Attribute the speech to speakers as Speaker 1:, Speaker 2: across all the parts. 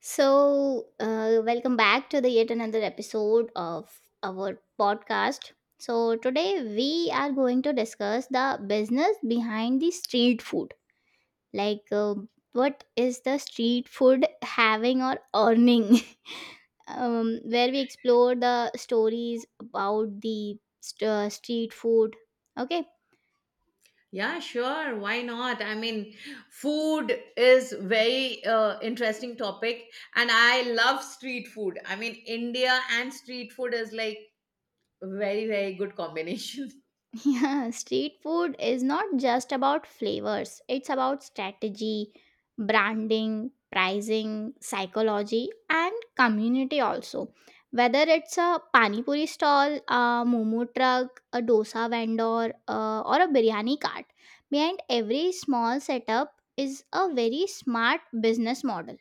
Speaker 1: So, welcome back to the yet another episode of our podcast. So, today we are going to discuss the business behind the street food. Like, uh, what is the street food having or earning? Where we explore the stories about the street food. Okay,
Speaker 2: Yeah, sure. Why not? I mean, food is very interesting topic, and I love street food. I mean, India and street food is like very, very good combination.
Speaker 1: yeah, street food is not just about flavors, it's about strategy, branding, pricing, psychology, and community also. Whether it's a pani puri stall, a momo truck, a dosa vendor, or a biryani cart, behind every small setup is a very smart business model.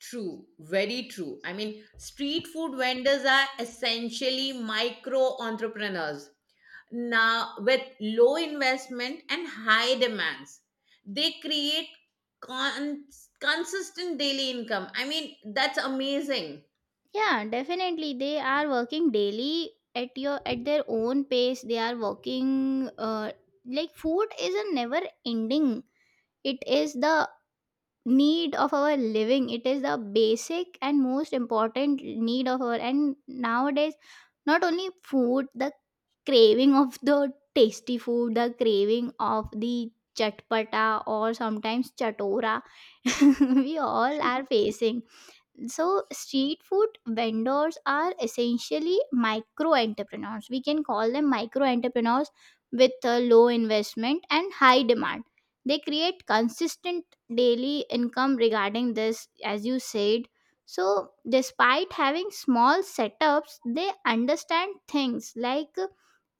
Speaker 2: True, very true. I mean, street food vendors are essentially micro entrepreneurs. Now, with low investment and high demands, they create con- consistent daily income. I mean, that's amazing.
Speaker 1: Yeah, definitely they are working daily at your at their own pace. They are working like food is a never ending, it is the need of our living, it is the basic and most important need of our, and nowadays not only food, the craving of the tasty food, the craving of the chatpata or sometimes chatora, we all are facing. So street food vendors are essentially micro entrepreneurs, we can call them micro entrepreneurs. With a low investment and high demand they create consistent daily income. Regarding this, as you said, so despite having small setups they understand things like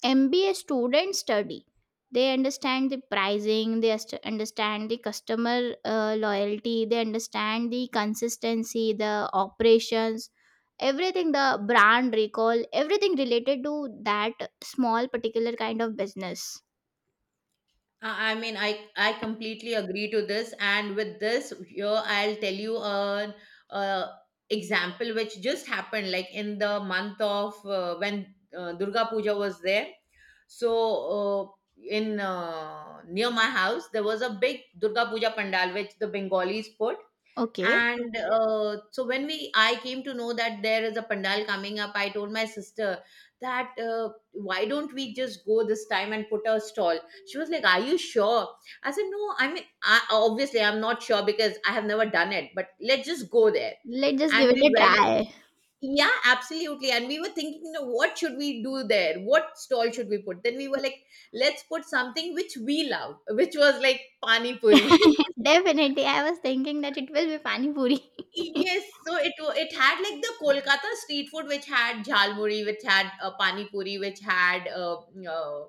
Speaker 1: MBA students study. They understand the pricing, they understand the customer loyalty, they understand the consistency, the operations, everything, the brand recall, everything related to that small particular kind of business.
Speaker 2: I mean, I completely agree to this, and with this, here I'll tell you an uh, example which just happened, like in the month of when Durga Puja was there. So uh, in near my house, there was a big Durga Puja pandal which the Bengalis put.
Speaker 1: Okay,
Speaker 2: And so when we I came to know that there is a pandal coming up, I told my sister that why don't we just go this time and put a stall? She was like, "Are you sure?" I said, "No, I mean, obviously I'm not sure because I have never done it, but let's just go there."
Speaker 1: let's just give
Speaker 2: And we
Speaker 1: it a
Speaker 2: went.
Speaker 1: try.
Speaker 2: Yeah, absolutely. And we were thinking, you know, what should we do there, what stall should we put? Then we were like, let's put something which we love, which was like pani puri.
Speaker 1: Definitely, I was thinking that it will be pani puri.
Speaker 2: Yes, so it had like the Kolkata street food, which had jhalmuri, which had pani puri, which had uh, mm, uh,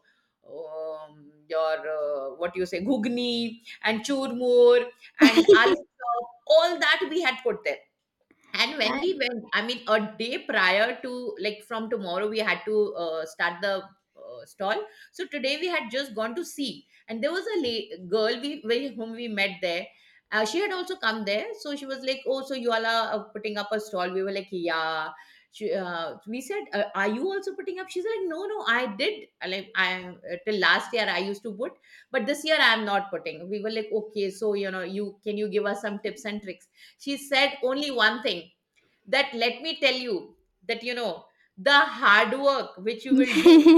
Speaker 2: um, your what do you say, ghugni and churmur and aloo chop. All that we had put there. And when we went, I mean, a day prior to like from tomorrow, we had to start the stall. So today we had just gone to see, and there was a girl we whom we met there. She had also come there, so she was like, "Oh, so you all are putting up a stall?" We were like, "Yeah." We said, "Are you also putting up?" She's like, "No, no, I did. I Like, I till last year I used to put, but this year I am not putting." We were like, "Okay, so you know, you give us some tips and tricks?" She said only one thing, that let me tell you that, you know, the hard work which you will do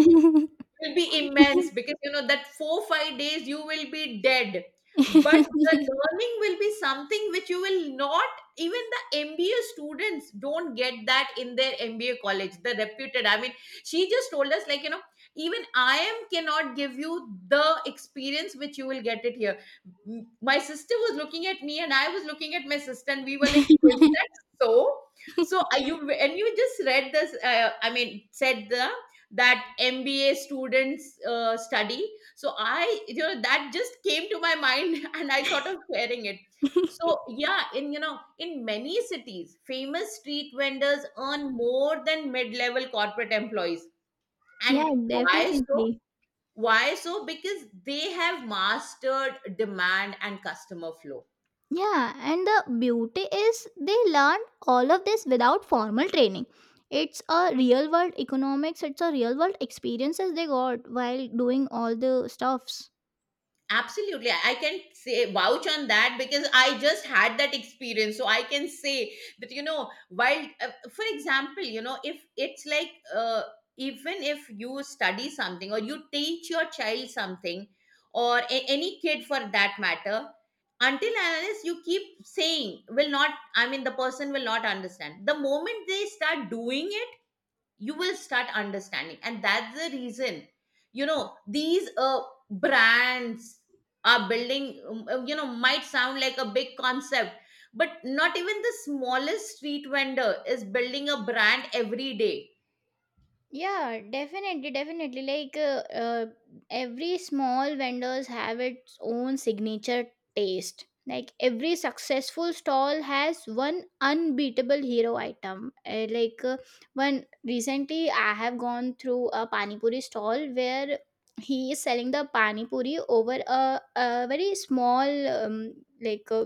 Speaker 2: will be immense, because you know that 4-5 days you will be dead. But
Speaker 1: Uh,
Speaker 2: the learning will be something which you will not. Even the MBA students don't get that in their MBA college, the reputed. I mean, she just told us, like, you know, even I am cannot give you the experience which you will get it here. My sister was looking at me and I was looking at my sister, and we were like, "Is that so?" So, are you, and you just read this, I mean, said the that MBA students study. So I, you know, that just came to my mind and I thought of sharing it. So yeah, in many cities, famous street vendors earn more than mid-level corporate employees. And
Speaker 1: yeah,
Speaker 2: why so?
Speaker 1: definitely.
Speaker 2: Why so? Because they have mastered demand and customer flow.
Speaker 1: Yeah, and the beauty is they learn all of this without formal training. It's a real world economics, it's a real world experiences they got while doing all the stuffs.
Speaker 2: Absolutely. I can say vouch on that because I just had that experience. So I can say that, you know, while, for example, you know, if it's like, even if you study something or you teach your child something, or any kid for that matter, until and unless you keep saying, will not, I mean, the person will not understand. The moment they start doing it, you will start understanding, and that's the reason, you know, these brands are building, you know, might sound like a big concept, but not even the smallest street vendor is building a brand every day.
Speaker 1: Yeah, definitely, definitely. Every small vendors have its own signature taste. Like every successful stall has one unbeatable hero item. One recently, I have gone through a pani puri stall where he is selling the pani puri over a very small like uh,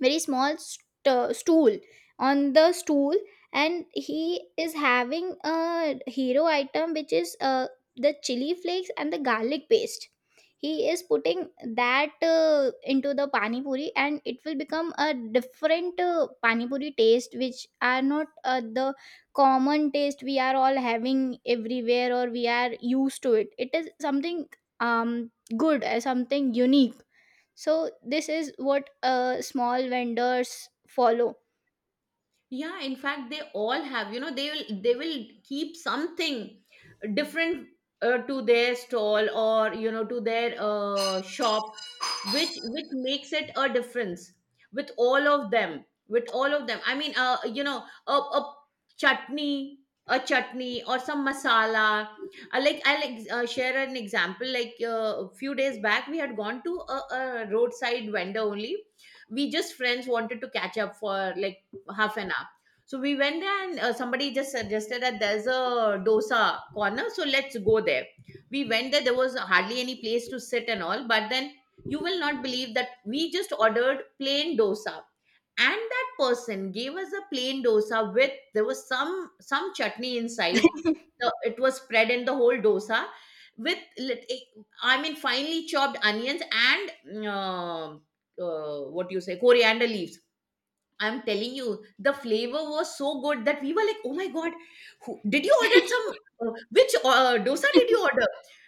Speaker 1: very small stool, on the stool, and he is having a hero item which is the chili flakes and the garlic paste. He is putting that into the pani puri and it will become a different pani puri taste, which are not the common taste we are all having everywhere, or we are used to it. It is something good, something unique. So this is what small vendors follow.
Speaker 2: Yeah, in fact, they all have, you know, they will keep something different to their stall, or, you know, to their shop, which makes it a difference. With all of them, I mean, you know, chutney a chutney or some masala. I like, share an example, like, a few days back we had gone to a roadside vendor only. We just friends wanted to catch up for like half an hour. So we went there and somebody just suggested that there's a dosa corner, so let's go there. We went there, there was hardly any place to sit and all, but then you will not believe that we just ordered plain dosa. And that person gave us a plain dosa with there was some chutney inside. It was spread in the whole dosa with I mean, finely chopped onions and what do you say, coriander leaves. I'm telling you, the flavor was so good that we were like, "Oh my god, did you order some? Which dosa did you order?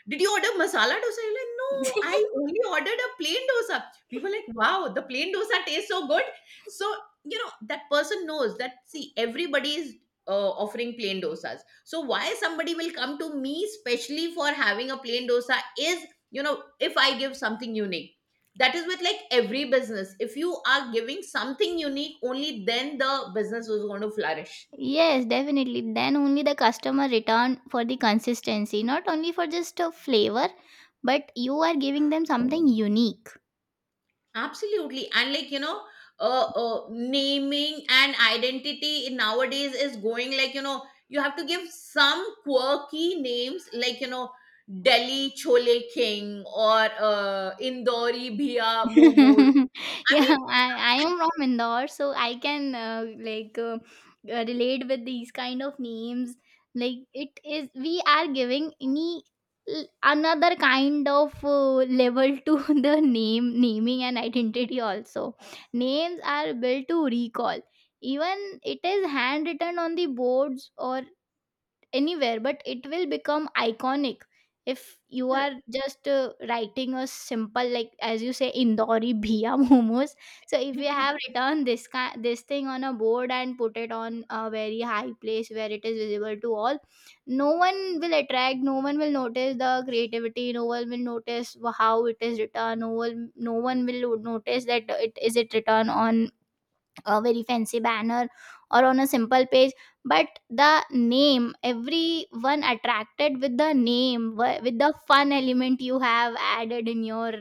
Speaker 2: Did you order masala dosa?" You're like, "No, I only ordered a plain dosa." We were like, "Wow, the plain dosa tastes so good." So you know that person knows that. See, everybody is offering plain dosas. So why somebody will come to me specially for having a plain dosa is, you know, if I give something unique. That is, with like every business, if you are giving something unique, only then the business is going to flourish.
Speaker 1: Yes, definitely. Then only the customer return for the consistency, not only for just a flavor, but you are giving them something unique.
Speaker 2: Absolutely. And, like, you know, naming and identity in nowadays is going, like, you know, you have to give some quirky names, like, you know, Delhi chole king or Indori bhia momo, I
Speaker 1: Yeah,
Speaker 2: mean.
Speaker 1: I am from Indore, so I can relate with these kind of names. Like it is we are giving any another kind of level to the name, naming and identity also. Names are built to recall, even it is handwritten on the boards or anywhere, but it will become iconic if you are just writing a simple, like as you say, indori bhiya momos. So if you have written this thing on a board and put it on a very high place where it is visible to all, no one will attract, no one will notice the creativity, no one will notice how it is written, no one will notice that it is it written on a very fancy banner or on a simple page, but the name, everyone attracted with the name, with the fun element you have added in your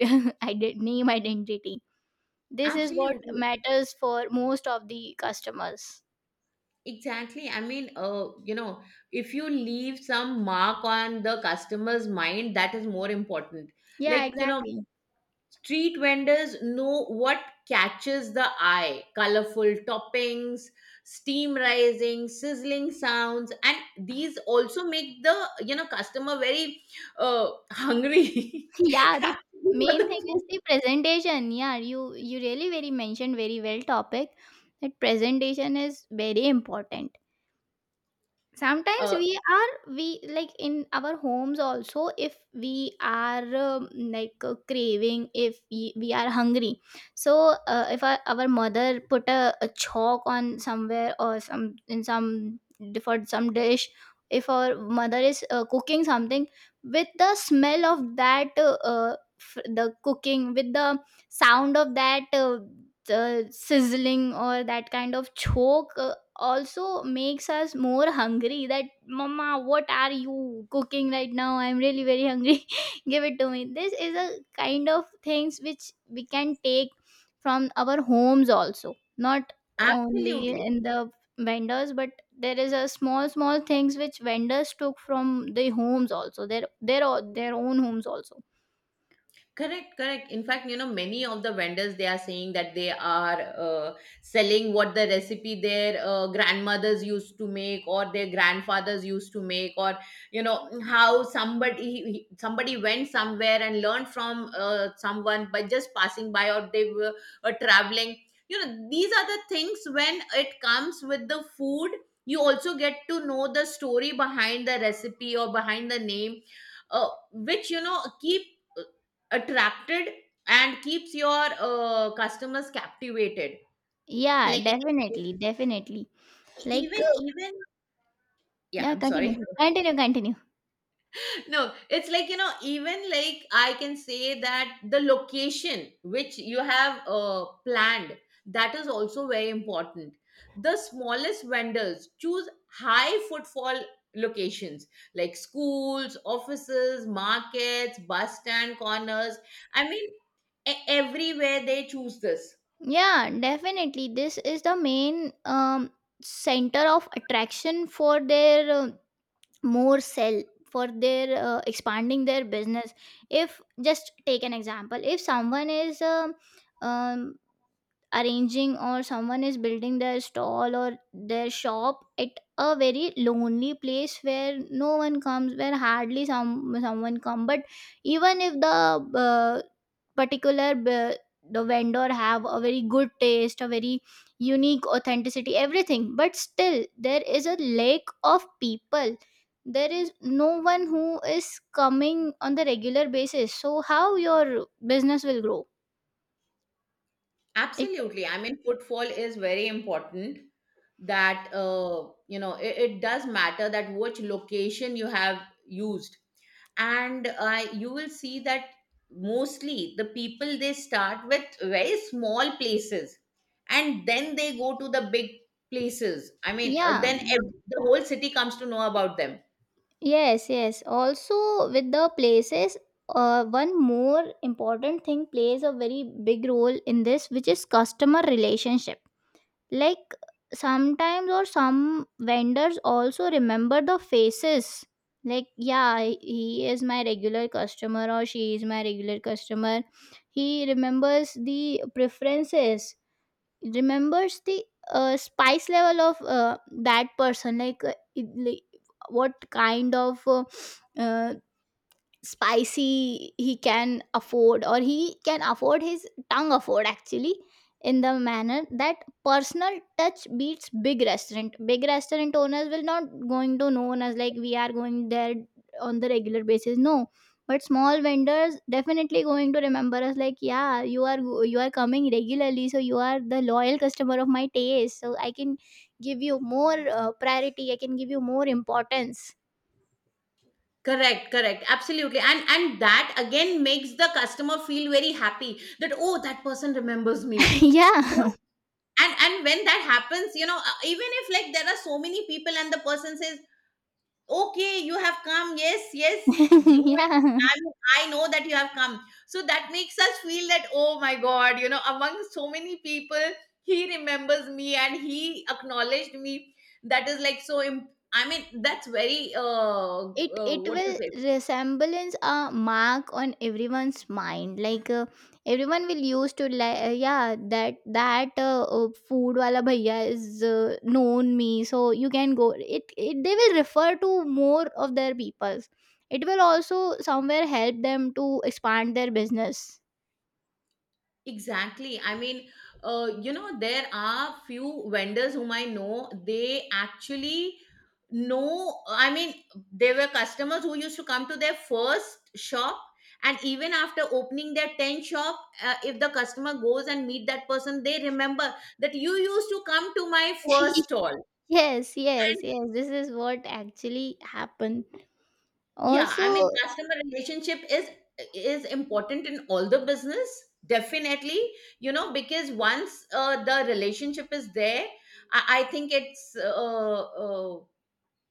Speaker 1: name identity. This is what
Speaker 2: Absolutely.
Speaker 1: matters for most of the customers.
Speaker 2: Exactly. I mean, you know, if you leave some mark on the customer's mind, that is more important.
Speaker 1: Yeah,
Speaker 2: Like, you know,
Speaker 1: exactly.
Speaker 2: street vendors know what catches the eye: colorful toppings, steam rising, sizzling sounds, and these also make the, you know, customer very hungry.
Speaker 1: Yeah, the
Speaker 2: For
Speaker 1: main thing
Speaker 2: the food.
Speaker 1: is the presentation. Yeah, you really very mentioned very well topic, that presentation is very important. Sometimes
Speaker 2: Uh,
Speaker 1: we, like in our homes also, if we are craving, if we are hungry, so if our mother put a chalk on somewhere or some in some, for some dish, if our mother is cooking something, with the smell of that the cooking, with the sound of that the sizzling or that kind of choke, also makes us more hungry, that mama, what are you cooking right now, I'm really very hungry, give it to me. This is a kind of things which we can take from our homes also, not only
Speaker 2: absolutely.
Speaker 1: in the vendors, but there is a small small things which vendors took from the homes also, their their own homes also.
Speaker 2: Correct, correct. In fact, you know, many of the vendors they are saying that they are selling what the recipe their grandmothers used to make, or their grandfathers used to make, or, you know, how somebody somebody went somewhere and learned from someone by just passing by, or they were traveling. You know, these are the things when it comes with the food, you also get to know the story behind the recipe or behind the name, which, you know, keep uh, attracted and keeps your customers captivated.
Speaker 1: Yeah,
Speaker 2: Like, e-
Speaker 1: definitely, definitely.
Speaker 2: e-,
Speaker 1: like
Speaker 2: even
Speaker 1: uh,
Speaker 2: even yeah,
Speaker 1: yeah,
Speaker 2: I'm sorry.
Speaker 1: continue continue.
Speaker 2: No, it's like, you know, even, like, I can say that the location which you have planned, that is also very important. The smallest vendors choose high footfall locations like schools, offices, markets, bus stand corners. I mean, everywhere they choose this.
Speaker 1: Yeah, definitely. This is the main center of attraction for their more sell, for their expanding their business. If just take an example, if someone is um, arranging, or someone is building their stall or their shop at a very lonely place where no one comes, where hardly someone come, but even if the uh, particular the vendor have a very good taste, a very unique authenticity, everything, but still there is a lack of people, there is no one who is coming on the regular basis, so how your business will grow. It,
Speaker 2: Absolutely. I mean, footfall is very important, that, you know, it does matter that which location you have used. And you will see that mostly the people, they start with very small places, and then they go to the big places. I mean,
Speaker 1: yeah.
Speaker 2: then the whole city comes to know about them.
Speaker 1: Yes, yes. Also, with the places, one more important thing plays a very big role in this, which is customer relationship. Like sometimes, or some vendors also remember the faces. Like, yeah, he is my regular customer, or she is my regular customer. He remembers the preferences, remembers the spice level of that person, like, like what kind of uh, spicy he can afford, or he can afford, his tongue afford actually, in the manner that personal touch beats big restaurant. Big restaurant owners will not going to known as like we are going there on the regular basis, no, but small vendors definitely going to remember us, like yeah, you are coming regularly, so you are the loyal customer of my taste, so I can give you more priority, I can give you more importance.
Speaker 2: Correct, correct, absolutely. And that again makes the customer feel very happy that, oh, that person remembers me.
Speaker 1: Yeah.
Speaker 2: And when that happens, you know, even if, like, there are so many people and the person says, "Okay, you have come. Yes, yes, you will be,
Speaker 1: Yeah,
Speaker 2: I mean, I know that you have come." So that makes us feel that, oh my god, you know, among so many people, he remembers me and he acknowledged me. That is, like, so I mean, that's very,
Speaker 1: it it
Speaker 2: what to
Speaker 1: will
Speaker 2: say.
Speaker 1: resemblance a mark on everyone's mind. Everyone will use to like, yeah, that food wala bhaiya is known me, so you can go, it they will refer to more of their peoples. It will also somewhere help them to expand their business.
Speaker 2: Exactly. I mean, you know, there are few vendors whom I know, they actually know. I mean, there were customers who used to come to their first shop, and even after opening their 10th shop, if the customer goes and meet that person, they remember that you used to come to my first stall.
Speaker 1: Yes, yes, yes, this is what actually happened
Speaker 2: Yeah,
Speaker 1: also.
Speaker 2: I mean, customer relationship is important in all the business, definitely. You know, because once the relationship is there, I think it's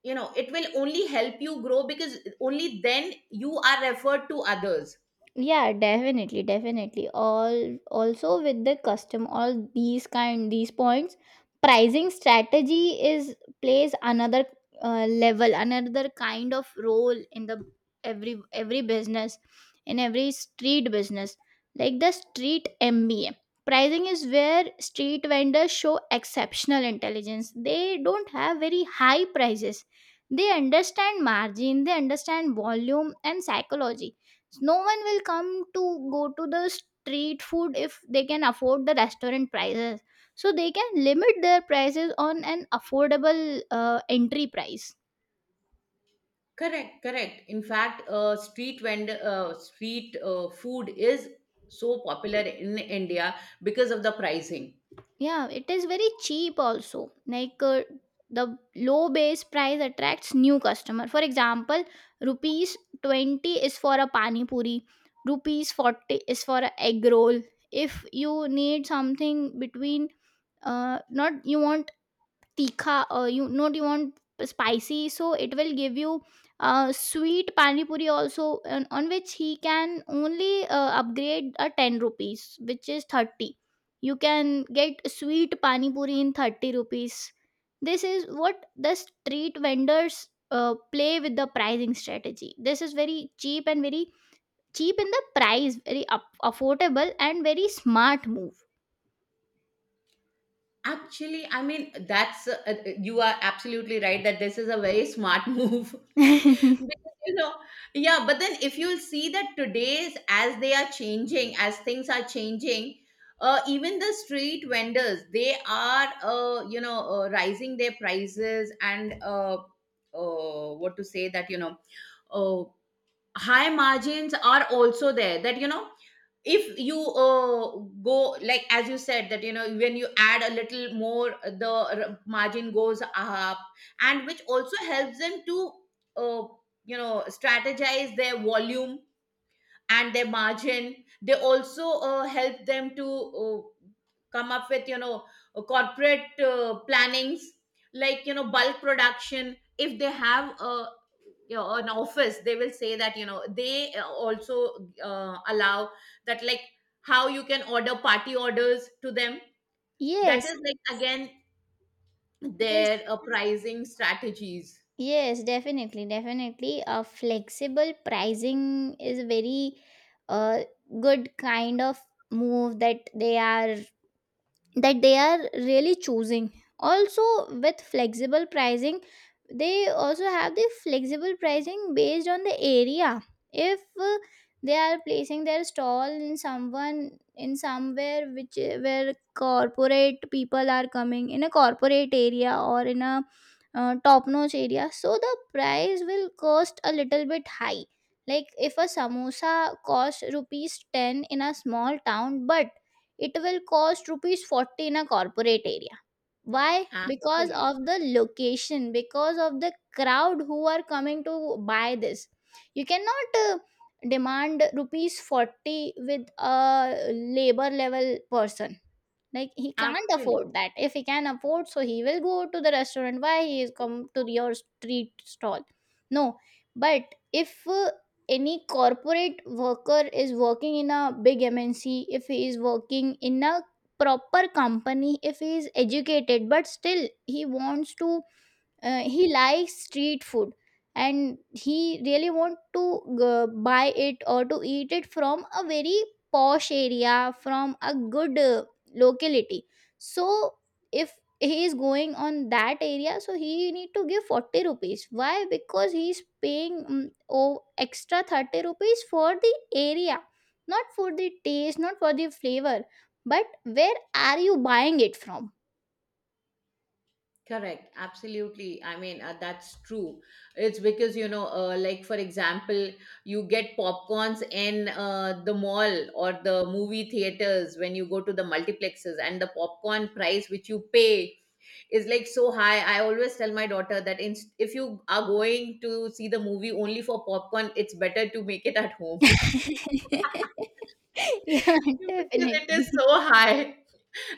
Speaker 2: you know, it will only help you grow, because only then you are referred to others.
Speaker 1: Yeah, definitely, definitely. All also with the custom, all these kind, these points, pricing strategy is plays another level, another kind of role in the every business, in every street business. Like the street MBA, pricing is where street vendors show exceptional intelligence. They don't have very high prices, they understand margin, they understand volume and psychology. So no one will come to go to the street food if they can afford the restaurant prices, so they can limit their prices on an affordable entry price.
Speaker 2: Correct, correct. In fact, street food is so popular in India because of the pricing.
Speaker 1: Yeah, it is very cheap also. The low base price attracts new customer. For example, rupees 20 is for a pani puri, rupees 40 is for a egg roll. If you need something between, not you want tikha, you not you want spicy, so it will give you sweet pani puri also, on which he can only upgrade a 10 rupees, which is 30. You can get sweet pani puri in 30 rupees. This is what the street vendors play with the pricing strategy. This is very cheap, and very cheap in the price, very affordable, and very smart move.
Speaker 2: Actually, I mean, that's you are absolutely right that this is a very smart move. Because, you know, yeah, but then if you'll see that today's, as they are changing, as things are changing, even the street vendors, they are, rising their prices and what to say that, you know, uh, high margins are also there that you know if you go like as you said that you know when you add a little more the margin goes up and which also helps them to uh, you know strategize their volume and their margin they also help them to come up with you know corporate plannings like you know bulk production if they have a you know, an office they will say that you know they also allow that like how you can order party orders to them. That
Speaker 1: Yes,
Speaker 2: is like again their
Speaker 1: yes.
Speaker 2: pricing strategies.
Speaker 1: Yes, definitely, definitely. A flexible pricing is a very uh, good kind of move that they are, that they are really choosing. Also, with flexible pricing they also have the flexible pricing based on the area. If they are placing their stall in someone, in somewhere, which where corporate people are coming, in a corporate area or in a top notch area, so the price will cost a little bit high. Like if a samosa costs rupees 10 in a small town, but it will cost rupees 40 in a corporate area. Why? Because
Speaker 2: Actually
Speaker 1: of the location, because of the crowd who are coming to buy this. You cannot demand rupees 40 with a labor level person. Like he can't
Speaker 2: actually
Speaker 1: afford that. If he can afford, so he will go to the restaurant. Why he is come to your street stall? No, but if any corporate worker is working in a big MNC, if he is working in a proper company, if he is educated, but still he wants to he likes street food and he really want to buy it or to eat it from a very posh area, from a good locality. So if he is going on that area, so he need to give 40 rupees. Why? Because he is paying oh, extra 30 rupees for the area, not for the taste, not for the flavor, but where are you buying it from?
Speaker 2: Correct, absolutely. I mean, that's true. It's because, you know, like for example, you get popcorns in the mall or the movie theaters when you go to the multiplexes, and the popcorn price which you pay is like so high. I always tell my daughter that in, if you are going to see the movie only for popcorn, it's better to make it at home
Speaker 1: Yeah,
Speaker 2: because
Speaker 1: definitely.
Speaker 2: it is so high.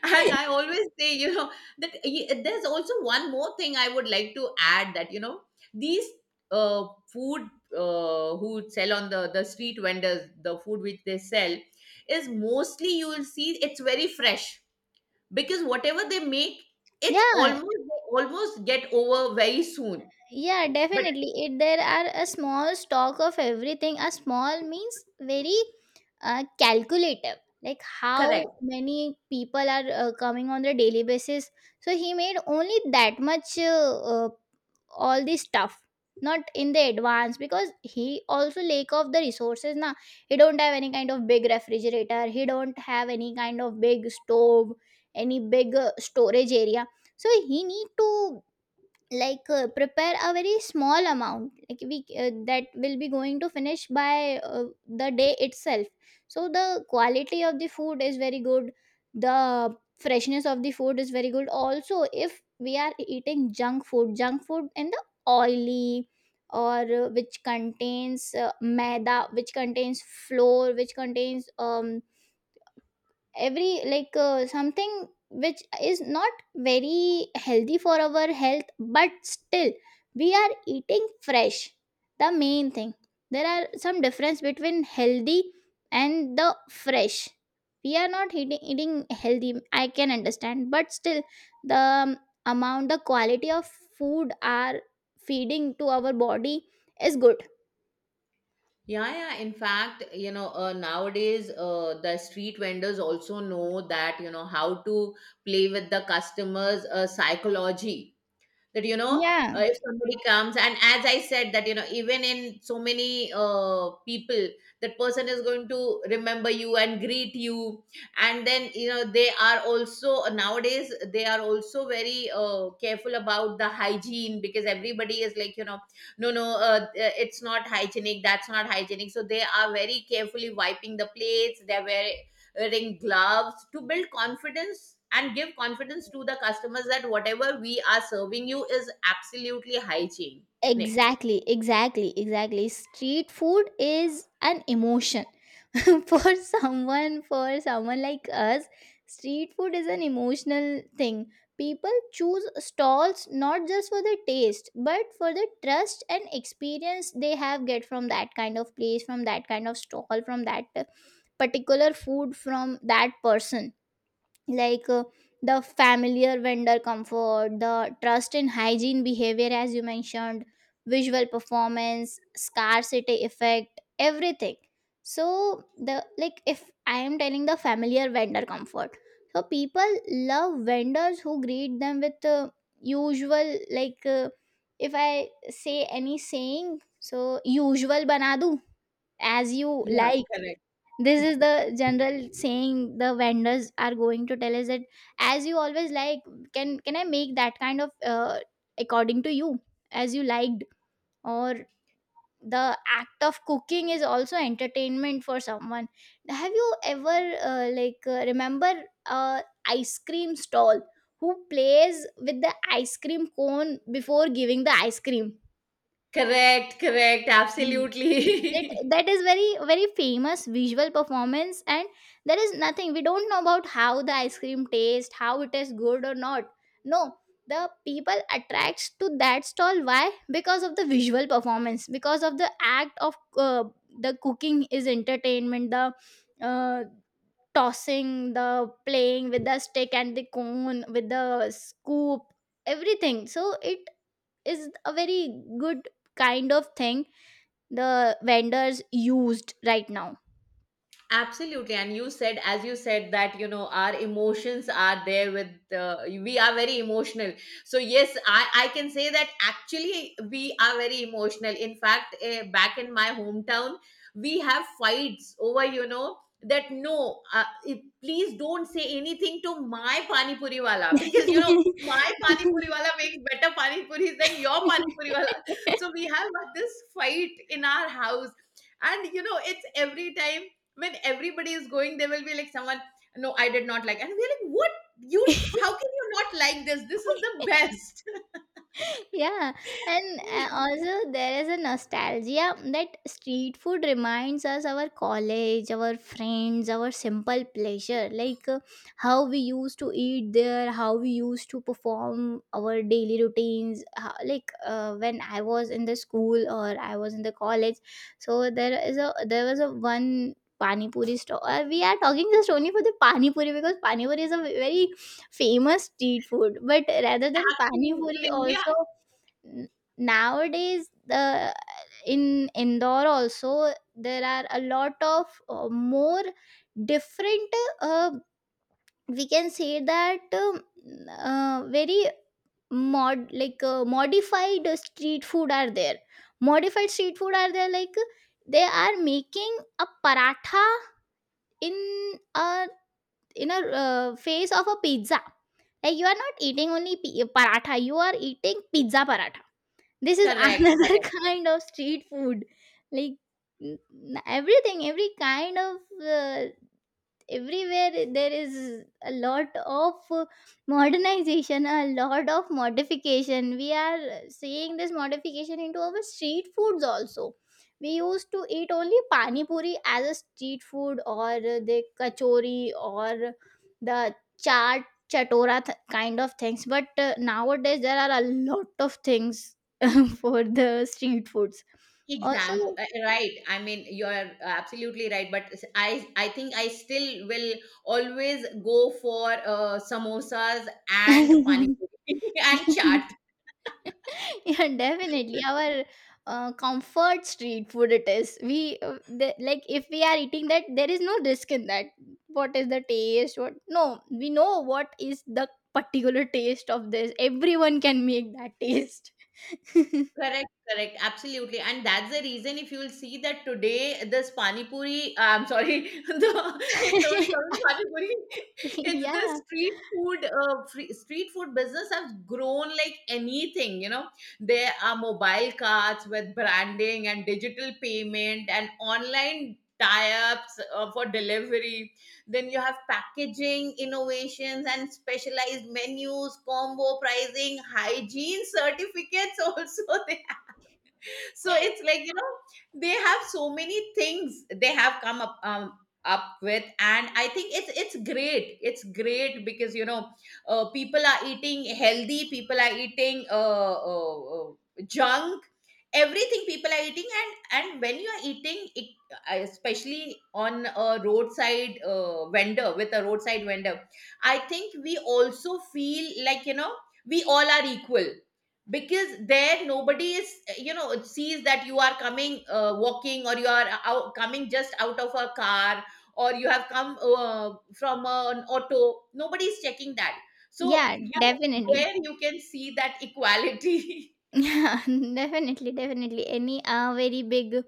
Speaker 2: And I always say, you know, that there's also one more thing I would like to add that, you know, these food who sell on the street vendors, the food which they sell is mostly you will see it's very fresh because whatever they make, it's
Speaker 1: Yeah,
Speaker 2: almost, they almost get over very soon.
Speaker 1: Yeah,
Speaker 2: But
Speaker 1: definitely. It there are a small stock of everything. A small means very calculative. Like how
Speaker 2: correct
Speaker 1: many people are coming on the daily basis. So he made only that much uh, all this stuff, not in the advance, because he also lack of the resources. Now he don't have any kind of big refrigerator. He don't have any kind of big stove, any big storage area. So he need to like prepare a very small amount, like we that will be going to finish by the day itself. So the quality of the food is very good, the freshness of the food is very good. Also, if we are eating junk food, junk food in the oily or which contains maida, which contains flour, which contains every like something which is not very healthy for our health, but still we are eating fresh. The main thing, there are some difference between healthy and the fresh. We are not eating healthy, I can understand, but still the amount, the quality of food are feeding to our body is good.
Speaker 2: Yeah, yeah. In fact, you know, nowadays the street vendors also know that you know how to play with the customers' psychology that you know
Speaker 1: Yeah,
Speaker 2: if somebody comes and as I said that you know even in so many people, that person is going to remember you and greet you. And then you know they are also nowadays, they are also very careful about the hygiene because everybody is like you know no no uh, uh, it's not hygienic, that's not hygienic, so they are very carefully wiping the plates, they're very wearing gloves to build confidence and give confidence to the customers that whatever we are serving you is absolutely hygienic.
Speaker 1: exactly, exactly, exactly. Street food is an emotion. For someone like us, street food is an emotional thing. People choose stalls not just for the taste, but for the trust and experience they have get from that kind of place, from that kind of stall, from that particular food, from that person. like uh, the familiar vendor comfort, the trust in hygiene behavior, as you mentioned, visual performance, scarcity effect, everything. So, the like if I am telling the familiar vendor comfort, so people love vendors who greet them with usual, if I say any saying, so usual banadu, as you
Speaker 2: Yeah,
Speaker 1: like.
Speaker 2: correct.
Speaker 1: This is the general saying the vendors are going to tell us that as you always like. Can I make that kind of according to you, as you liked? Or the act of cooking is also entertainment for someone. Have you ever remember uh, ice cream stall who plays with the ice cream cone before giving the ice cream?
Speaker 2: Correct, correct,
Speaker 1: that
Speaker 2: absolutely.
Speaker 1: that is very very famous visual performance. And there is nothing, we don't know about how the ice cream tastes, how it is good or not. No, the people attracts to that stall. Why? Because of the visual performance, because of the act of the cooking is entertainment, the uh, tossing, the playing with the stick and the cone with the scoop, everything. So it is a very good kind of thing the vendors used right now.
Speaker 2: Absolutely. And you said, as you said, that, you know, our emotions are there with, we are very emotional. So, yes, I can say that actually we are very emotional. In fact, back in my hometown, we have fights over, you know, that no, it, please don't say anything to my Pani Puri wala because, you know, my Pani Puri wala makes better Pani Puris than your Pani Puri wala. So, we have this fight in our house. And, you know, it's every time when everybody is going, there will be like someone, no, I did not like. And we're like, what? You, how can you not like this? This is the best
Speaker 1: Yeah. And also there is a nostalgia that street food reminds us our college, our friends, our simple pleasure. How we used to eat there, how we used to perform our daily routines how, when I was in the school or I was in the college, so there is a there was a one pani puri store. We are talking just only for the pani puri because pani puri is a very famous street food, but rather than pani
Speaker 2: in
Speaker 1: puri
Speaker 2: India.
Speaker 1: also n- nowadays the in Indore also there are a lot of more different uh, we can say that very modified street food are there. Modified street food are there, like they are making a paratha in a in a face of a pizza. Like you are not eating only paratha, you are eating pizza paratha. This is
Speaker 2: Correct,
Speaker 1: another
Speaker 2: correct.
Speaker 1: kind of street food. Like everything, every kind of uh, everywhere there is a lot of modernization, a lot of modification. We are seeing this modification into our street foods also. We used to eat only pani puri as a street food or the kachori or the chaat, chatora kind of things, but nowadays there are a lot of things for the street foods also.
Speaker 2: Right. I mean, you're absolutely right. But I think I still will always go for samosas and pani puri and chaat.
Speaker 1: Yeah, definitely, our comfort street food it is. We the, like if we are eating that, there is no risk in that. What is the taste? What, no, we know what is the particular taste of this. Everyone can make that taste.
Speaker 2: Correct, correct, absolutely, and that's the reason if you'll see that today this pani puri, I'm sorry, it's only coming pani puri. It's the
Speaker 1: Yeah,
Speaker 2: street food, street food business has grown like anything. You know, there are mobile carts with branding and digital payment and online tie-ups for delivery. Then you have packaging innovations and specialized menus, combo pricing, hygiene certificates also they. So it's like you know they have so many things they have come up up with, and I think it's great, it's great because you know people are eating healthy, people are eating junk, everything people are eating. And when you are eating it, especially on a roadside vendor, with a roadside vendor, I think we also feel like you know we all are equal because there nobody is you know sees that you are coming walking or you are out, coming just out of a car, or you have come from an auto, nobody is checking that. So
Speaker 1: yeah,
Speaker 2: you know
Speaker 1: definitely.
Speaker 2: there you can see that equality.
Speaker 1: Yeah, definitely, definitely. Any very big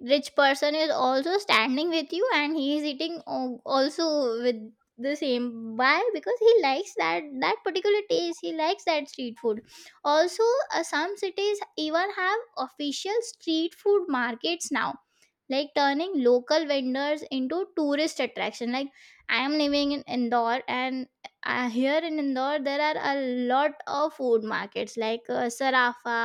Speaker 1: rich person is also standing with you and he is eating also with the same. Why? Because he likes that, that particular taste, he likes that street food also. Some cities even have official street food markets now, like turning local vendors into tourist attraction. Like I am living in Indore, and here in Indore there are a lot of food markets like Sarafa,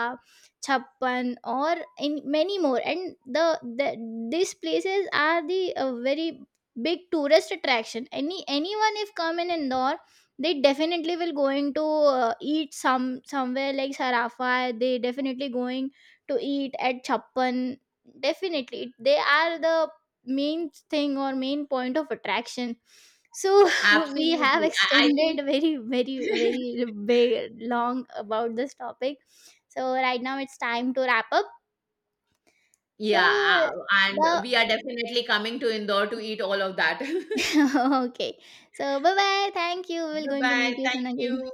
Speaker 1: Chappan, or in many more. And the these places are the very big tourist attraction. Any anyone if come in Indore, they definitely will going to eat some somewhere like Sarafa, they definitely going to eat at Chappan. Definitely, it- they are the main thing or main point of attraction. So we have
Speaker 2: Absolutely. I think
Speaker 1: extended very, very, very big, long about this topic. So right now it's time to wrap up. So
Speaker 2: yeah and
Speaker 1: the
Speaker 2: we are definitely coming to Indore to eat all of that.
Speaker 1: okay. So bye bye. Thank you. We're
Speaker 2: Bye
Speaker 1: going to
Speaker 2: bye,
Speaker 1: meet you soon
Speaker 2: thank you.
Speaker 1: again.